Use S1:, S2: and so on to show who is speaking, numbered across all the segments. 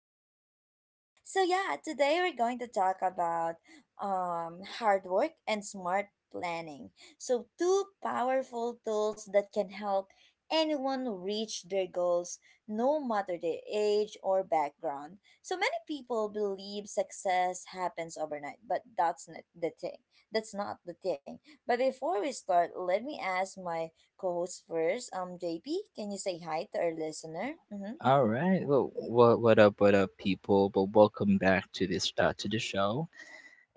S1: with JP. So yeah, today we're going to talk about hard work and smart planning. So two powerful tools that can help anyone reach their goals no matter their age or background. So many people believe success happens overnight, but that's not the thing. That's not the thing. But before we start, let me ask my co-host first. JP, can you say hi to our listener? Mm-hmm.
S2: All right. What up? What up, people? But welcome back to this to the show.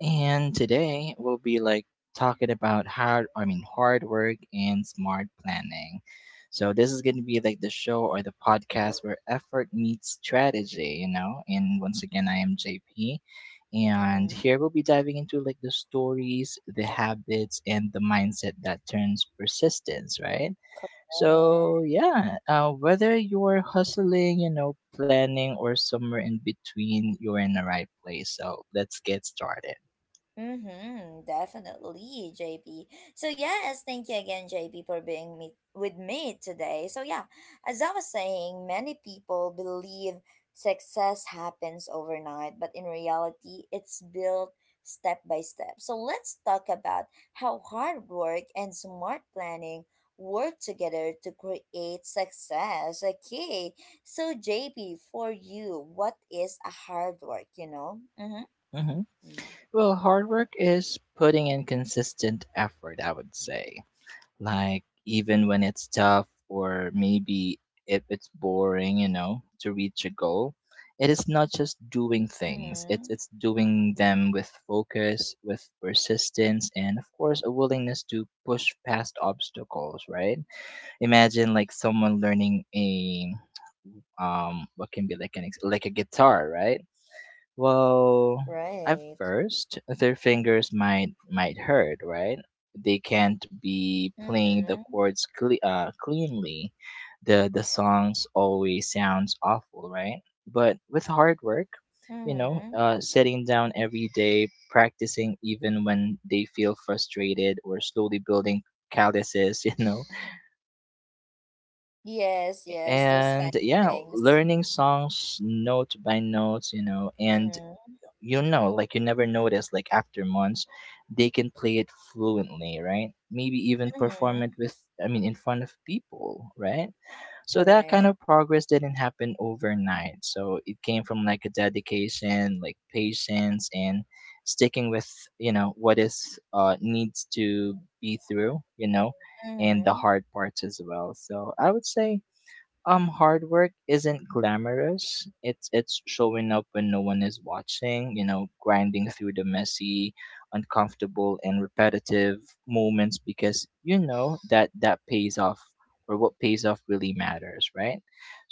S2: And today we'll be like talking about hard work and smart planning. So this is going to be like the show or the podcast where effort meets strategy, you know. And once again, I am JP, and
S1: Mm-hmm.
S2: here we'll be diving into like the stories, the habits, and the mindset that turns persistence, right? so
S1: Correct.
S2: yeah, uh, whether you're hustling, planning, or somewhere in between, you're in the right place. So let's get started.
S1: Mm-hmm, definitely, JP. So yes, thank you again, JP, for being me with me today. So yeah, as I was saying, many people believe success happens overnight, but in reality, it's built step by step. So let's talk about how hard work and smart planning work together to create success. Okay. So JP, for you, what is a hard work, you know? Mm-hmm.
S2: hmm Well, hard work is putting in consistent effort, I would say, like even when it's tough, or maybe if it's boring, you know, to reach a goal. It is not just doing things, it's
S1: Mm-hmm.
S2: it's doing them with focus, with persistence, and of course a willingness to push past obstacles, right? Imagine like someone learning a what can be like an ex- like a guitar, right? Well, at
S1: Right.
S2: first, their fingers might hurt, right? They can't be playing the
S1: Mm-hmm.
S2: chords cleanly. The songs always sounds awful, right? But with hard work,
S1: Mm-hmm.
S2: sitting down every day, practicing even when they feel frustrated, or slowly building calluses, you know,
S1: Yes, yes, those kind
S2: and
S1: of
S2: yeah,
S1: things.
S2: learning songs note by note, you know. And
S1: Mm-hmm.
S2: you know, like you never notice, like after months, they can play it fluently, right? Maybe even perform it
S1: Mm-hmm.
S2: with, in front of people, right? So that kind
S1: Correct.
S2: of progress didn't happen overnight. So it came from like a dedication, like patience, and sticking with, you know, what needs to be through, you know, and the
S1: Mm-hmm.
S2: hard parts as well. So I would say hard work isn't glamorous. It's showing up when no one is watching, you know, grinding through the messy, uncomfortable, and repetitive moments because you know that that pays off, or what pays off really matters, right?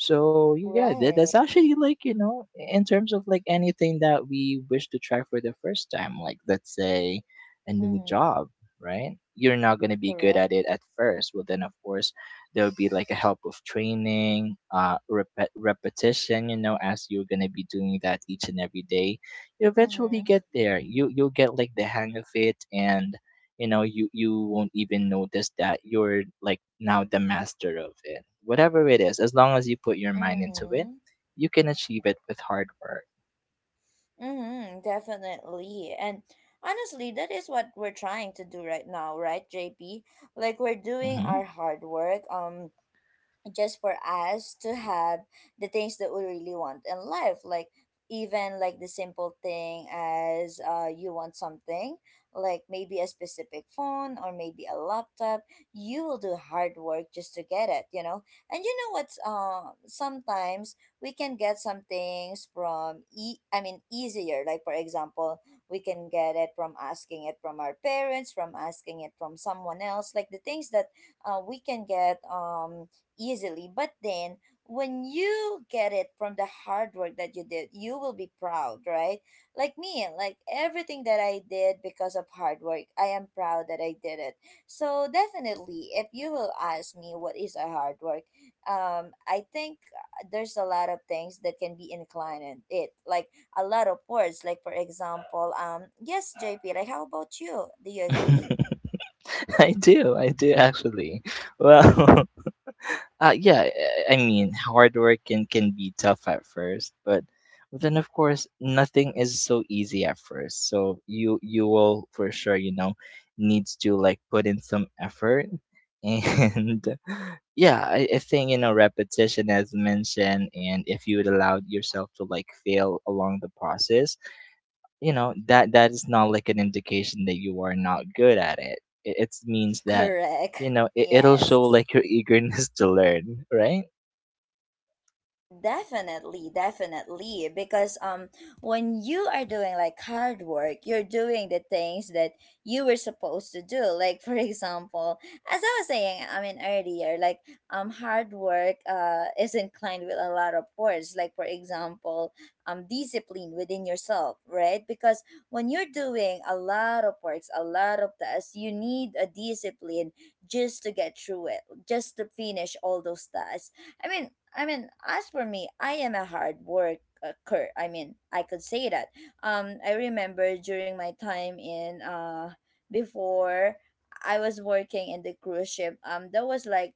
S2: So yeah, that,
S1: Right.
S2: that's actually like, you know, in terms of like anything that we wish to try for the first time, like let's say a new
S1: Mm-hmm.
S2: job, right? You're not gonna be good
S1: Correct.
S2: at it at first. Well, then of course there would be like a help of training, repetition, you know, as you're going to be doing that each and every day, you eventually
S1: Mm-hmm.
S2: get there. You'll get like the hang of it, and you know, you won't even notice that you're like now the master of it, whatever it is. As long as you put your mind into it,
S1: Mm-hmm.
S2: you can achieve it with hard work.
S1: Mm-hmm. Definitely. And honestly, that is what we're trying to do right now, right, JP? Like we're doing
S2: hmm
S1: our hard work. Just for us to have the things that we really want in life, like even like the simple thing as, you want something, like maybe a specific phone or maybe a laptop, you will do hard work just to get it, you know. And you know what's, sometimes we can get some things from easier like for example, we can get it from asking it from our parents, from asking it from someone else, like the things that, we can get easily. But then when you get it from the hard work that you did, you will be proud, right? Like me, like everything that I did because of hard work, I am proud that I did it. So definitely, if you will ask me what is a hard work, I think there's a lot of things that can be inclined in it, like a lot of words. Like for example, yes, JP. Like, how about you? Do you agree?
S2: I do actually. Well, uh yeah I mean, hard work can be tough at first, but then of course nothing is so easy at first, so you will for sure, you know, needs to like put in some effort. And yeah, I think, you know, repetition, as mentioned, and if you would allow yourself to like fail along the process, you know that that is not like an indication that you are not good at it. It means that you
S1: Correct.
S2: know it'll show
S1: Yes.
S2: like your eagerness to learn, right?
S1: Definitely, definitely. Because when you are doing like hard work, you're doing the things that you were supposed to do. Like for example, as I was saying, I mean earlier, like hard work is inclined with a lot of words. Like for example, discipline within yourself, right? Because when you're doing a lot of works, a lot of tasks, you need a discipline just to get through it, just to finish all those tasks. I mean, I mean, as for me, I am a hard worker. I mean, I could say that. I remember during my time in before I was working in the cruise ship. That was like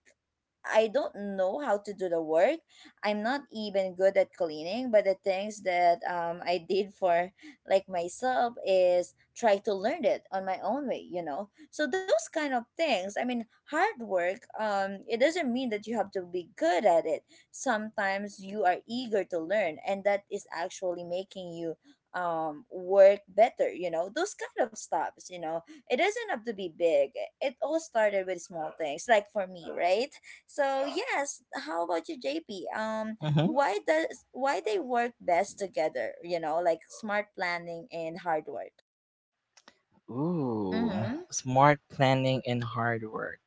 S1: I don't know how to do the work. I'm not even good at cleaning, but the things that I did for like myself is try to learn it on my own way, you know. So those kind of things, I mean, hard work, it doesn't mean that you have to be good at it. Sometimes you are eager to learn and that is actually making you work better, you know, those kind of stops, you know. It doesn't have to be big. It all started with small things, like for me, right? So yes, how about you, JP?
S2: Mm-hmm.
S1: Why they work best together, you know, like smart planning and hard work?
S2: Ooh,
S1: Mm-hmm.
S2: smart planning and hard work.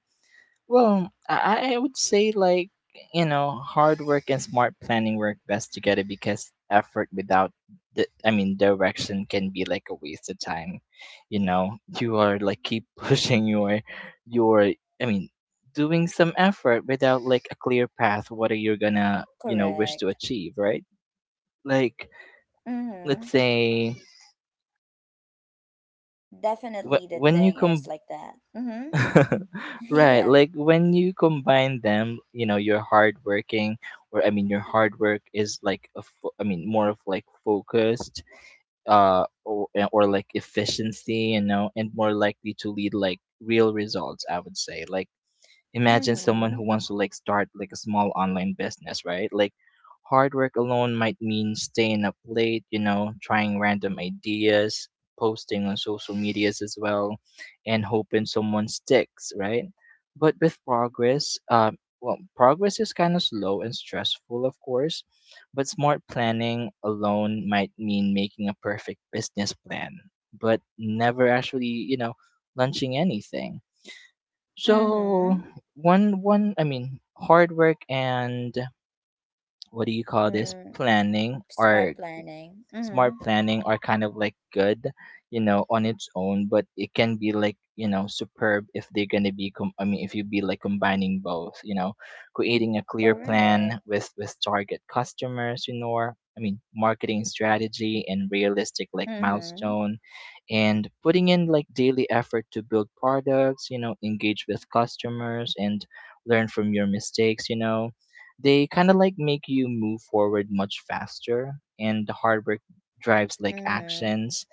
S2: Well, I would say like, you know, hard work and smart planning work best together because effort without direction can be like a waste of time. You know, you are like keep pushing your I mean, doing some effort without like a clear path. What are you gonna, you know, wish to
S1: Correct.
S2: achieve, right? Like, let's
S1: Mm-hmm.
S2: say
S1: Definitely, the
S2: when you
S1: thing is
S2: come
S1: like that. Mm-hmm.
S2: right.
S1: Yeah.
S2: Like when you combine them, you know, you're hardworking, your hard work is like a fo- I mean, more of like focused, or like efficiency, you know, and more likely to lead like real results, I would say. Like, imagine someone
S1: Mm-hmm.
S2: who wants to like start like a small online business, right? Like hard work alone might mean staying up late, you know, trying random ideas, posting on social medias as well, and hoping someone sticks, right? But with progress, progress is kind of slow and stressful of course, but smart planning alone might mean making a perfect business plan, but never actually, you know, launching anything. So
S1: Mm-hmm.
S2: one one I mean hard work and what do you call this
S1: Mm,
S2: planning
S1: smart
S2: are—
S1: planning.
S2: smart
S1: Mhm.
S2: planning are kind of like good, you know, on its own, but it can be like, you know, superb if they're going to be if you be like combining both, you know, creating a clear plan
S1: Correct.
S2: with target customers, you know, I mean, marketing strategy and realistic like
S1: Mhm.
S2: milestone, and putting in like daily effort to build products, you know, engage with customers and learn from your mistakes, you know. They kind of like make you move forward much faster. And the hard drives like
S1: Mhm.
S2: actions,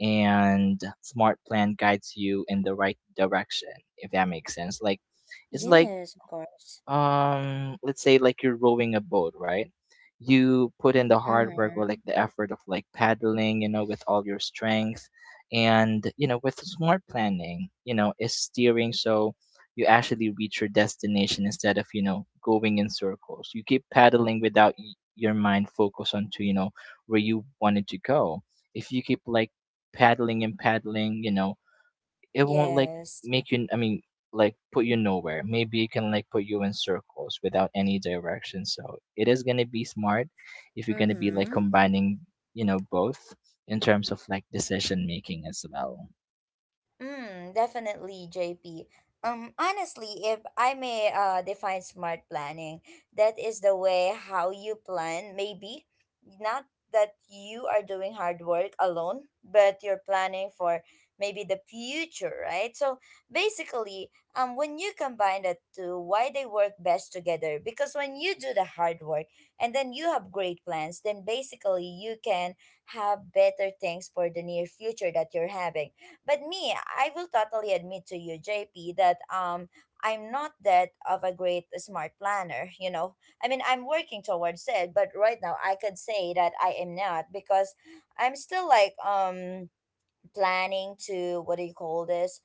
S2: and smart plan guides you in the right direction, if that makes sense. Like it's like,
S1: Yes, of course.
S2: let's say like you're rowing a boat, right? You put in the hard work, or like
S1: Mhm.
S2: the effort of like paddling, you know, with all your strength, and you know, with smart planning, you know, is steering, so you actually reach your destination instead of, you know, going in circles. You keep paddling without your mind focus onto, you know, where you wanted to go. If you keep like paddling and paddling, you know, it won't like
S1: Yes.
S2: make you I mean like put you nowhere. Maybe it can like put you in circles without any direction. So it is going to be smart if you're going to be like
S1: Mhm.
S2: combining, you know, both, in terms of like decision making as well.
S1: Mm, definitely, JP. Honestly, if I may define smart planning, that is the way how you plan, maybe. Not that you are doing hard work alone, but you're planning for maybe the future, right? So basically, when you combine the two, why they work best together? Because when you do the hard work and then you have great plans, then basically you can have better things for the near future that you're having. But me, I will totally admit to you, JP, that I'm not that of a great, smart planner, you know. I mean, I'm working towards it, but right now I could say that I am not because I'm still like planning to what do you call this?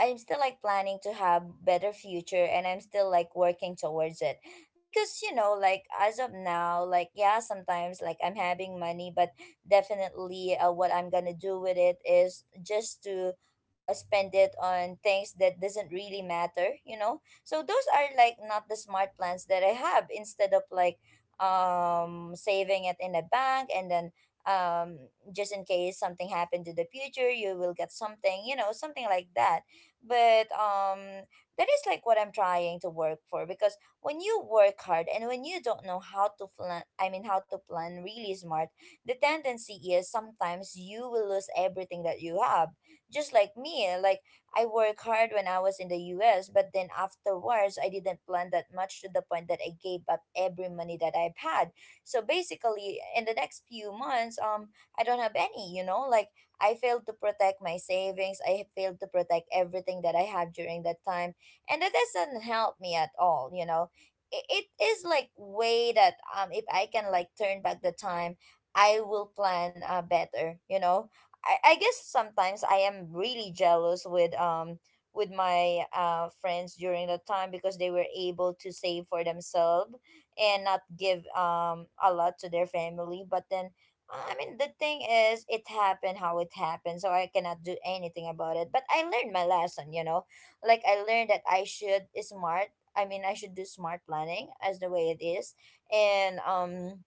S1: I'm still like planning to have better future and I'm still like working towards it. Because you know, like as of now, like yeah, sometimes like I'm having money, but definitely what I'm going to do with it is just to spend it on things that doesn't really matter, you know? So those are like not the smart plans that I have, instead of like saving it in a bank and then um just in case something happened to the future, you will get something, you know, something like that. But that is like what I'm trying to work for, because when you work hard and when you don't know how to plan, I mean how to plan really smart, the tendency is sometimes you will lose everything that you have, just like me. Like I work hard when I was in the US, but then afterwards I didn't plan that much to the point that I gave up every money that I've had. So basically in the next few months, I don't have any, you know, like I failed to protect my savings. I failed to protect everything that I have during that time. And that doesn't help me at all, you know. It is like way that if I can like turn back the time, I will plan better, you know. I guess sometimes I am really jealous with my friends during that time because they were able to save for themselves and not give a lot to their family, but then I mean, the thing is, it happened how it happened, so I cannot do anything about it. But I learned my lesson, you know? Like, I learned that I should smart, I mean, I should do smart planning as the way it is. And,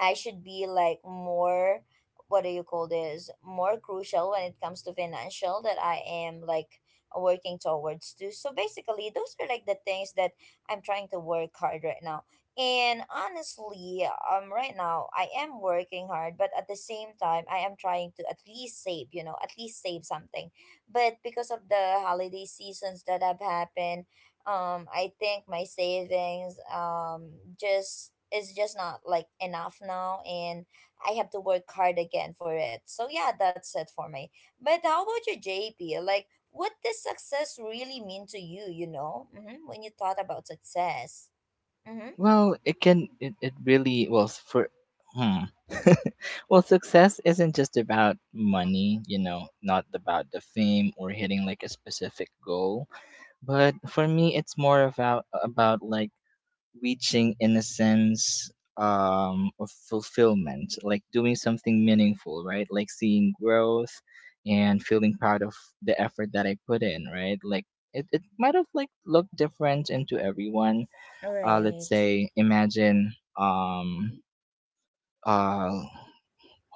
S1: I should be like more what do you call this, more crucial when it comes to financial, that I am like working towards too. So basically those are like the things that I'm trying to work hard right now. And honestly, right now I am working hard, but at the same time I am trying to at least save, you know, at least save something. But because of the holiday seasons that have happened, I think my savings just is just not like enough now, and I have to work hard again for it. So yeah, that's it for me. But how about you, JP? Like what does success really mean to you, you know? Mm-hmm. When you thought about success. Mm-hmm.
S2: Well it can it, it really well s- for hmm. Well, success isn't just about money, you know, not about the fame or hitting like a specific goal, but for me it's more about like reaching in a sense, of fulfillment, like doing something meaningful, right? Like seeing growth and feeling proud of the effort that I put in, right? Like it might have like looked different into everyone. Let's
S1: Right.
S2: say imagine uh,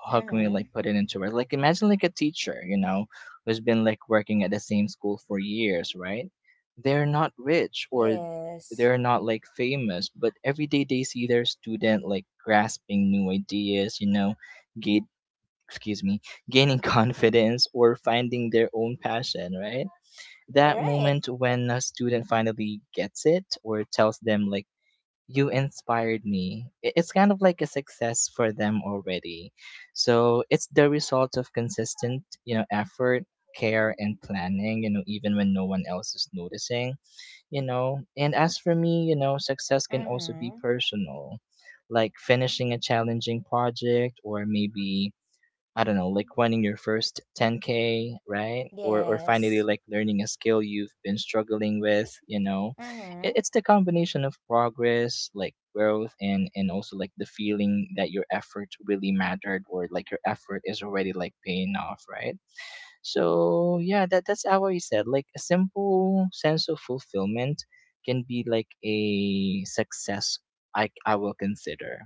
S2: how can we
S1: Mm-hmm.
S2: like put it into words? Like imagine like a teacher, you know, who's been like working at the same school for years, right? They're not rich, or
S1: Yes.
S2: they're not like famous, but every day they see their student like grasping new ideas, you know, gate excuse me, gaining confidence or finding their own passion, right? That
S1: Right.
S2: moment when a student finally gets it or tells them like, you inspired me. I- It's kind of like a success for them already. So it's the result of consistent, you know, effort, care and planning, you know, even when no one else is noticing, you know. And as for me, you know, success can also
S1: Mm-hmm.
S2: be personal, like finishing a challenging project, or maybe I don't know, like running your first 10K, right? Or finally
S1: Yes.
S2: like learning a skill you've been struggling with, you know? It,
S1: Mm-hmm.
S2: it's the combination of progress, like growth, and also like the feeling that your effort really mattered, or like your effort is already like paying off, right? So yeah, that that's how I said. Like a simple sense of fulfillment can be like a success, I will consider.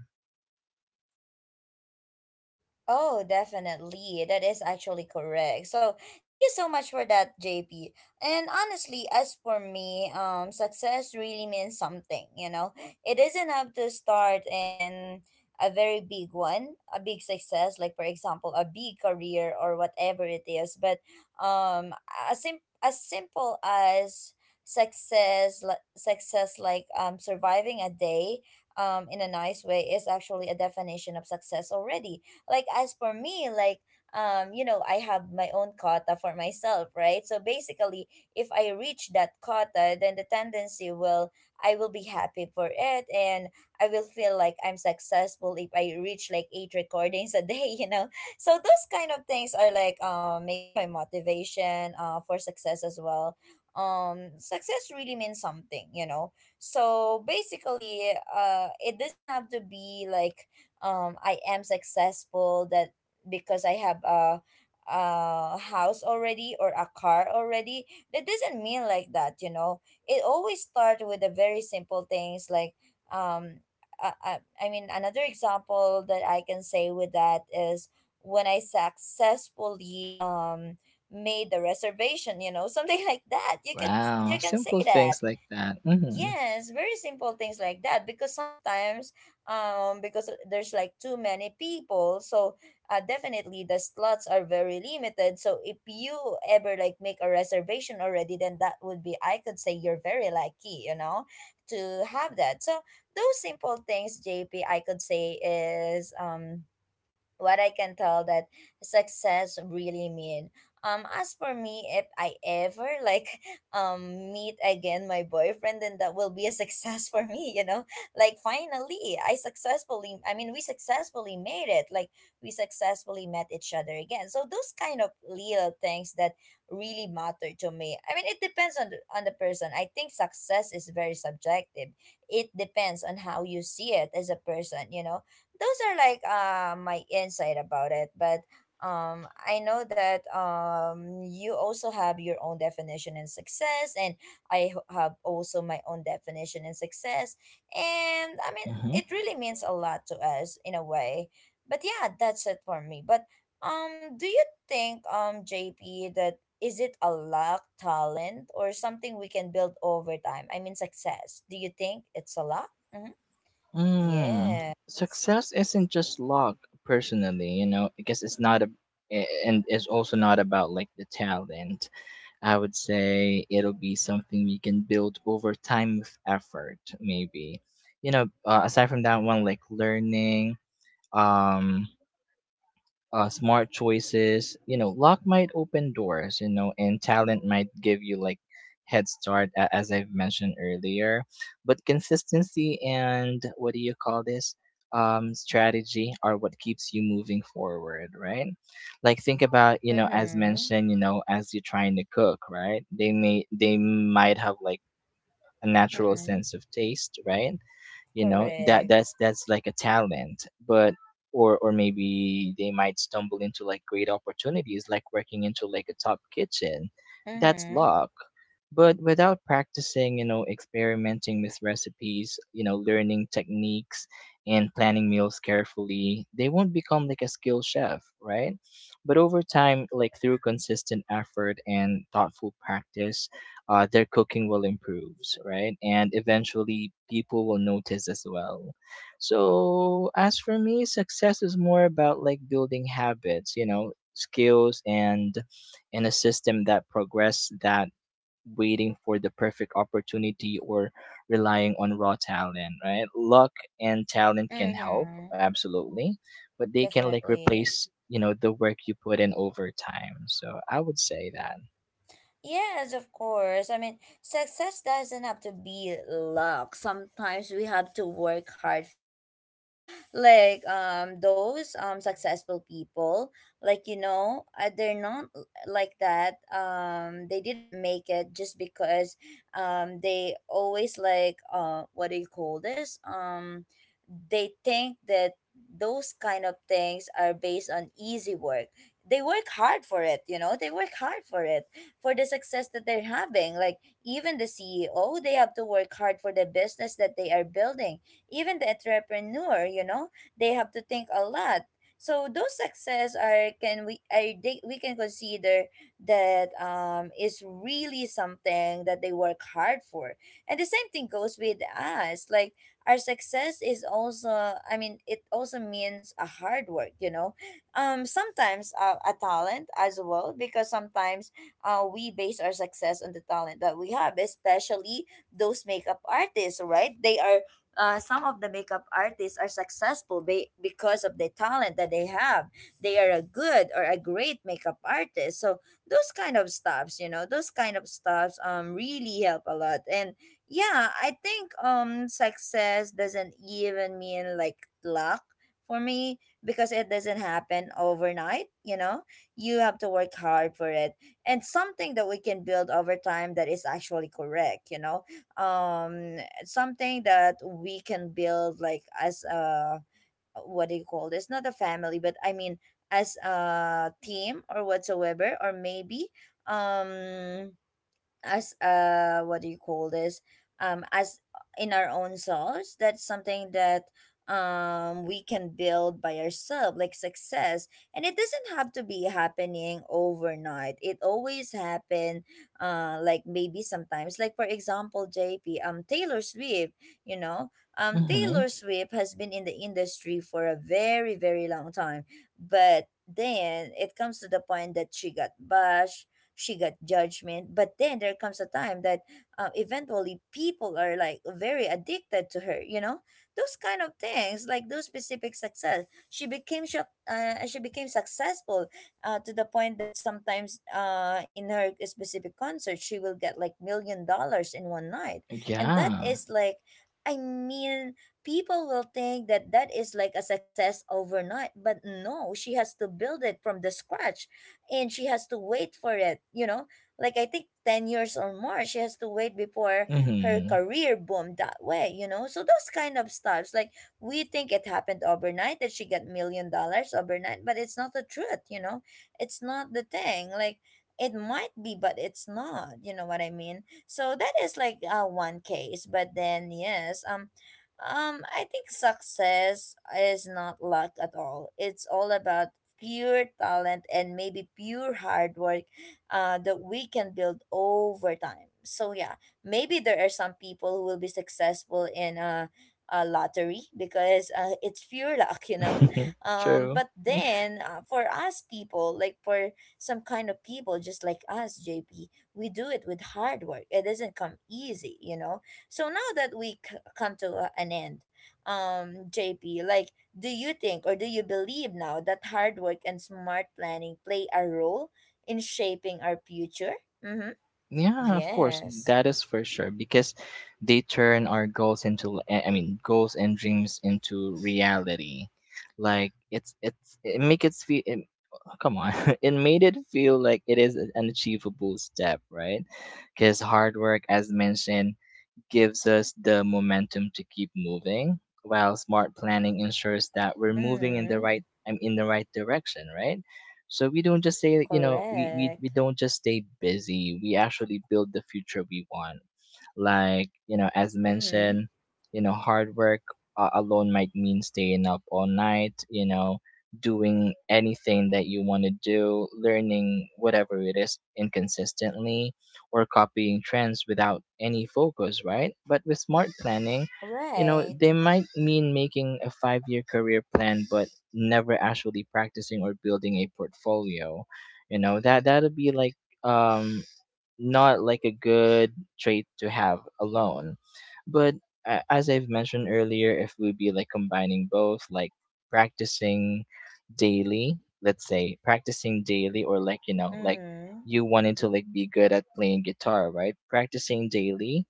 S1: Oh, definitely. That is actually correct. So, thank you so much for that, JP. And honestly, as for me, success really means something, you know? It doesn't have to start in a very big one, a big success, like for example, a big career or whatever it is, but um as simple as success like surviving a day in a nice way is actually a definition of success already. Like as for me, like you know, I have my own quota for myself, right? So basically if I reach that quota, then the tendency will, I will be happy for it, and I will feel like I'm successful if I reach like eight recordings a day, you know. So those kind of things are like maybe my motivation for success as well. Success really means something, you know. So basically it doesn't have to be like I am successful that because I have a house already or a car already. That doesn't mean like that, you know. It always starts with the very simple things, like um I, I, I mean, another example that I can say with that is when I successfully made the reservation, you know, something like that, you can
S2: Wow,
S1: say
S2: simple
S1: that.
S2: things like that. Mm-hmm.
S1: Yes, very simple things like that because sometimes because there's like too many people, so definitely the slots are very limited, so if you ever like make a reservation already, then that would be, I could say, you're very lucky, you know, to have that. So those simple things, JP, I could say is what I can tell that success really mean. As for me, if I ever like meet again my boyfriend, then that will be a success for me. You know, like finally, I mean, we successfully made it. Like we successfully met each other again. So those kind of little things that really matter to me. I mean, it depends on on the person. I think success is very subjective. It depends on how you see it as a person. You know those are like my insight about it but I know that you also have your own definition in success and have also my own definition in success and I mean
S2: Mm-hmm.
S1: it really means a lot to us in a way but yeah, that's it for me but do you think JP, that is it a luck talent or something we can build over time? I mean success, do you think it's a luck? Mm-hmm.
S2: Mm,
S1: Yeah.
S2: success isn't just luck personally, you know, because it's not a— a- and it's also not about like the talent. I would say it'll be something we can build over time with effort, maybe. You know, aside from that one, like learning, um, smart choices. You know, luck might open doors, you know, and talent might give you like head start, as I've mentioned earlier. But consistency and what do you call this? Strategy are what keeps you moving forward, right? Like think about, you know, as
S1: Mhm.
S2: mentioned, you know, as you're trying to cook, right? They might have like a natural
S1: Mhm.
S2: sense of taste, right? You know, that
S1: Correct.
S2: that's like a talent, but or maybe they might stumble into like great opportunities, like working into like a top kitchen. That's
S1: Mhm.
S2: luck. But without practicing, you know, experimenting with recipes, you know, learning techniques and planning meals carefully, they won't become like a skilled chef, right? But over time, like through consistent effort and thoughtful practice, their cooking will improve, right? And eventually people will notice as well. So, as for me, success is more about like building habits, you know, skills, and in a system that progress, that waiting for the perfect opportunity or relying on raw talent, right? Luck and talent can help,
S1: Mhm.
S2: absolutely, but they can like
S1: Definitely.
S2: replace, you know, the work you put in over time. So, I would say that.
S1: Yes, of course. I mean, success doesn't have to be luck. Sometimes we have to work hard for success. Like those successful people, like you know, they're not like that. They didn't make it just because they always like what do you call this? They think that those kind of things are based on easy work. They work hard for it, you know. They work hard for it for the success that they're having. Like even the CEO, they have to work hard for the business that they are building. Even the entrepreneur, you know, they have to think a lot. So those success are can we are they, we can consider that is really something that they work hard for. And the same thing goes with us. Like our success is also, I mean, it also means a hard work, you know, sometimes a talent as well because sometimes we base our success on the talent that we have, especially those makeup artists, right? They are some of the makeup artists are successful because of the talent that they have. They are a good or a great makeup artist. So those kind of stuffs, you know, those kind of stuffs really help a lot. And yeah, I think success doesn't even mean like luck for me because it doesn't happen overnight, you know. You have to work hard for it and something that we can build over time. That is actually correct, you know. um Something that we can build like as a, what do you call this, not a family but I mean as a team or whatsoever, or maybe um as what do you call this as in our own selves, that's something that we can build by ourselves, like success. And it doesn't have to be happening overnight, it always happen like maybe sometimes, like for example JP, Taylor Swift, you know,
S2: Mhm.
S1: Taylor Swift has been in the industry for a very long time, but then it comes to the point that she got bashed, she got judgment, but then there comes a time that eventually people are like very addicted to her, you know. Those kind of things, like those specific success, she became successful to the point that sometimes in her specific concert she will get like $1 million in one night. And that
S2: Yeah.
S1: is like, I mean, people will think that that is like a success overnight, but no, she has to build it from the scratch and she has to wait for it, you know? Like I think 10 years or more she has to wait before her
S2: Mhm.
S1: career boomed that way, you know? So those kind of stuffs, like we think it happened overnight that she got $1 million overnight, but it's not the truth, you know? It's not the thing. Like it might be but it's not, you know what I mean. So that is like one case, but then yes, I think success is not luck at all, it's all about pure talent and maybe pure hard work that we can build over time. So yeah, maybe there are some people who will be successful in a lottery because it's pure luck, you know.
S2: True.
S1: But then for us people, like for some kind of people just like us, JP, we do it with hard work. It doesn't come easy, you know. So now that we come to an end, JP, like do you think or do you believe now that hard work and smart planning play a role in shaping our future? Mm-hmm.
S2: Yeah, of course.
S1: Yes.
S2: That is for sure because they turn our goals into— goals and dreams into reality. Like it's it make it feel it, come on. It made it feel like it is an achievable step, right? Because hard work, as mentioned, gives us the momentum to keep moving, while smart planning ensures that we're moving in the
S1: Mm-hmm.
S2: right— I'm in the right direction, right? So we don't just say, you know, we
S1: Correct.
S2: don't just stay busy. We actually build the future we want. Like, you know, as
S1: Mm-hmm.
S2: mentioned, you know, hard work, alone might mean staying up all night, you know, doing anything that you want to do, learning whatever it is inconsistently, or copying trends without any focus, right? But with smart planning, you know,
S1: Right.
S2: they might mean making a five-year career plan, but never actually practicing or building a portfolio. You know, that, that'll be like, um, not like a good trait to have alone. But as I've mentioned earlier, if we be like combining both, like practicing daily, let's say practicing daily, or like you know, like
S1: Mm-hmm.
S2: you wanted to like be good at playing guitar, right? Practicing daily,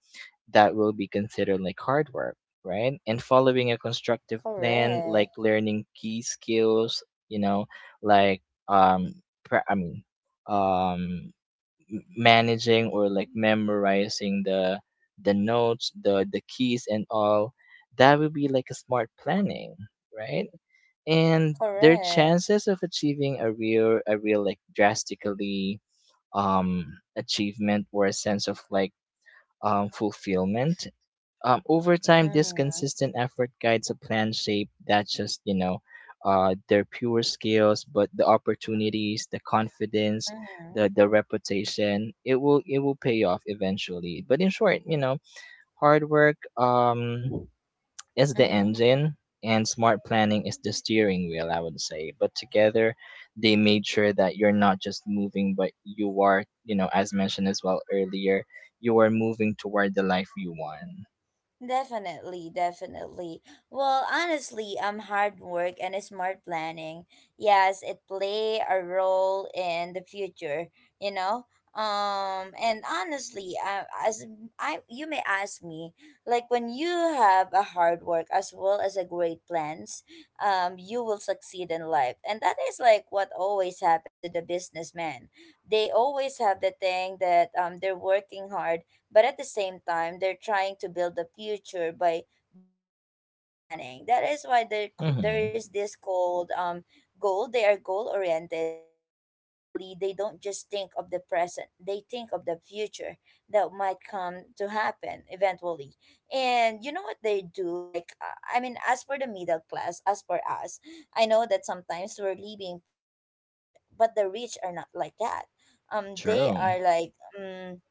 S2: that will be considered like hard work, right? And following a constructive plan, like
S1: Correct.
S2: learning key skills, you know, like um, pra- I mean, um managing or like memorizing the— notes, the keys and all, that would be like a smart planning, right? And their
S1: Correct.
S2: chances of achieving a real— a real like drastically achievement or a sense of like fulfillment over time, this
S1: Mm-hmm.
S2: consistent effort guides a plan shape that just, you know, their pure skills, but the opportunities, the confidence, the
S1: Mm-hmm.
S2: the reputation, it will pay off eventually. But in short, you know, hard work is the
S1: Mm-hmm.
S2: engine, and smart planning is the steering wheel, I would say. But together they made sure that you're not just moving, but you are, you know, as mentioned as well earlier, you are moving toward the life you want.
S1: Definitely, definitely. Well, honestly, hard work and smart planning, yes, it play a role in the future, you know. And honestly, as I, you may ask me, like when you have a hard work as well as a great plans, you will succeed in life, and that is like what always happened to the businessman. They always have the thing that they're working hard, but at the same time, they're trying to build the future by doing smart planning. That is why there there
S2: Mm-hmm.
S1: is this called goal. They are goal oriented. So basically, they don't just think of the present. They think of the future that might come to happen eventually. And you know what they do? Like I mean, as for the middle class, as for us, I know that sometimes we're living paycheck to paycheck, but the rich are not like that. They
S2: True.
S1: are like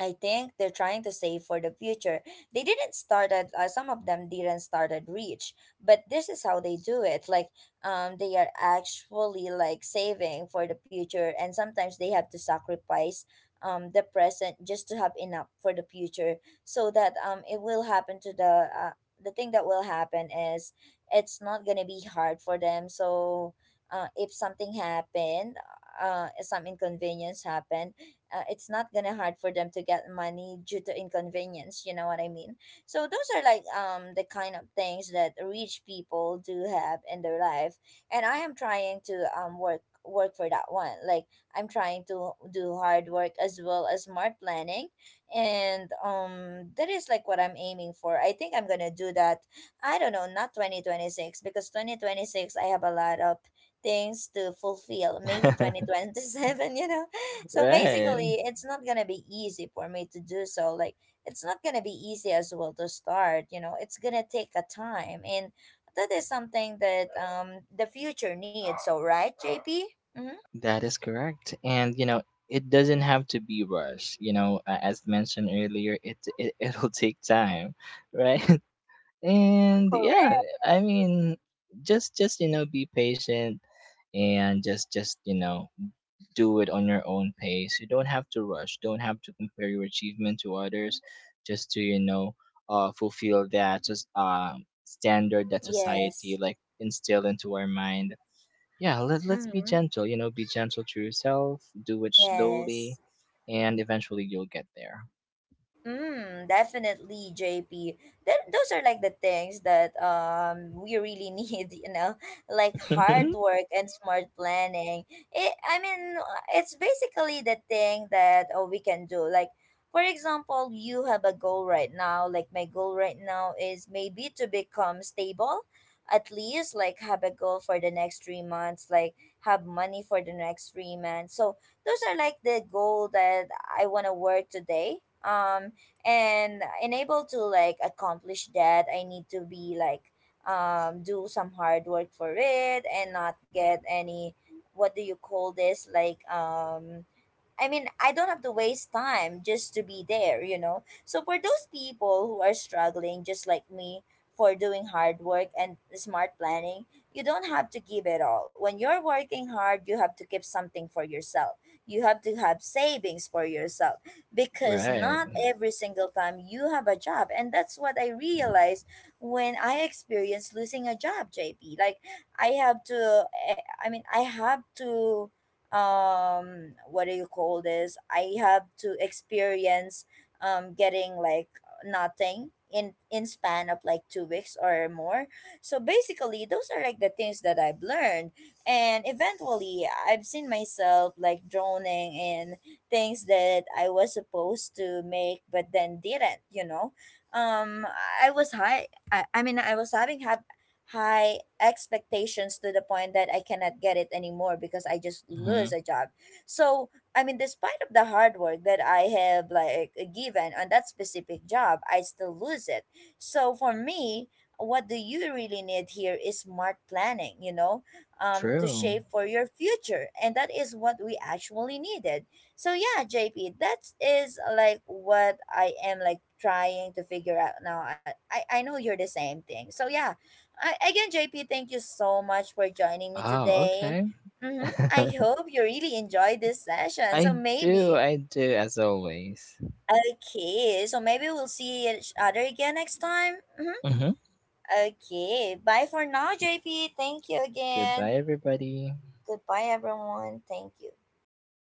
S1: I think they're trying to save for the future. They didn't start at some of them didn't start at Reach, but this is how they do it. Like they are actually like saving for the future, and sometimes they have to sacrifice the present just to have enough for the future so that it will happen to the thing that will happen is it's not going to be hard for them. So if something happened, if some inconvenience happened, it's not gonna hard for them to get money due to inconvenience, you know what I mean. So those are like the kind of things that rich people do have in their life, and I am trying to work for that one. Like I'm trying to do hard work as well as smart planning, and that is like what I'm aiming for. I think I'm gonna do that. I don't know, not 2026, because 2026 I have a lot of things to fulfill, maybe 2027. You know, so
S2: Right.
S1: basically, it's not gonna be easy for me to do so. Like, it's not gonna be easy as well to start. You know, it's gonna take a time, and that is something that the future needs. So right, JP? Mm-hmm.
S2: That is correct. And you know, it doesn't have to be rushed. You know, as mentioned earlier, it it'll take time, right? And yeah,
S1: Correct.
S2: I mean, just you know, be patient, and just you know, do it on your own pace. You don't have to rush. Don't have to compare your achievement to others, just to you know, fulfill that just standard that society
S1: Yes.
S2: like instilled into our mind. Yeah, let, let's be
S1: Mm-hmm.
S2: gentle, you know, be gentle to yourself, do it slowly,
S1: Yes.
S2: and eventually you'll get there.
S1: Mm, definitely, JP. That those are like the things that we really need, you know, like hard work and smart planning. It, I mean, it's basically the thing that oh, we can do. Like, for example, you have a goal right now. Like my goal right now is maybe to become stable, at least like have a goal for the next 3 months, like have money for the next 3 months. So those are like the goal that I wanna work today. And in able to like accomplish that, I need to be like, do some hard work for it and not get any, what do you call this, like, I mean, I don't have to waste time just to be there, you know? So for those people who are struggling, just like me, for doing hard work and smart planning, you don't have to give it all. When you're working hard, you have to keep something for yourself. You have to have savings for yourself because
S2: Right.
S1: not every single time you have a job. And that's what I realized when I experienced losing a job, JP. Like, I, mean, I have to what do you call this I have to experience getting like nothing in span of like 2 weeks or more. So basically, those are like the things that I've learned, and eventually I've seen myself like droning in things that I was supposed to make but then didn't, you know. I, mean, I was having high expectations to the point that I cannot get it anymore because I just
S2: Hmm.
S1: lose a job. So, I mean, despite of the hard work that I have like given on that specific job, I still lose it. So for me, what do you really need here is smart planning, you know, to
S2: True.
S1: shape for your future. And that is what we actually needed. So yeah, JP, that is like what I am like trying to figure out now. I know you're the same thing. So yeah, again, JP, thank you so much for joining me
S2: Oh,
S1: today.
S2: okay.
S1: Mm-hmm. I hope you really enjoyed this session. So
S2: I do,
S1: maybe,
S2: I do as always.
S1: okay, so maybe we'll see each other again next time. Mm-hmm.
S2: Hmm.
S1: Okay, bye for now, JP. Thank you
S2: Goodbye,
S1: again.
S2: everybody.
S1: Goodbye, everyone. Thank you.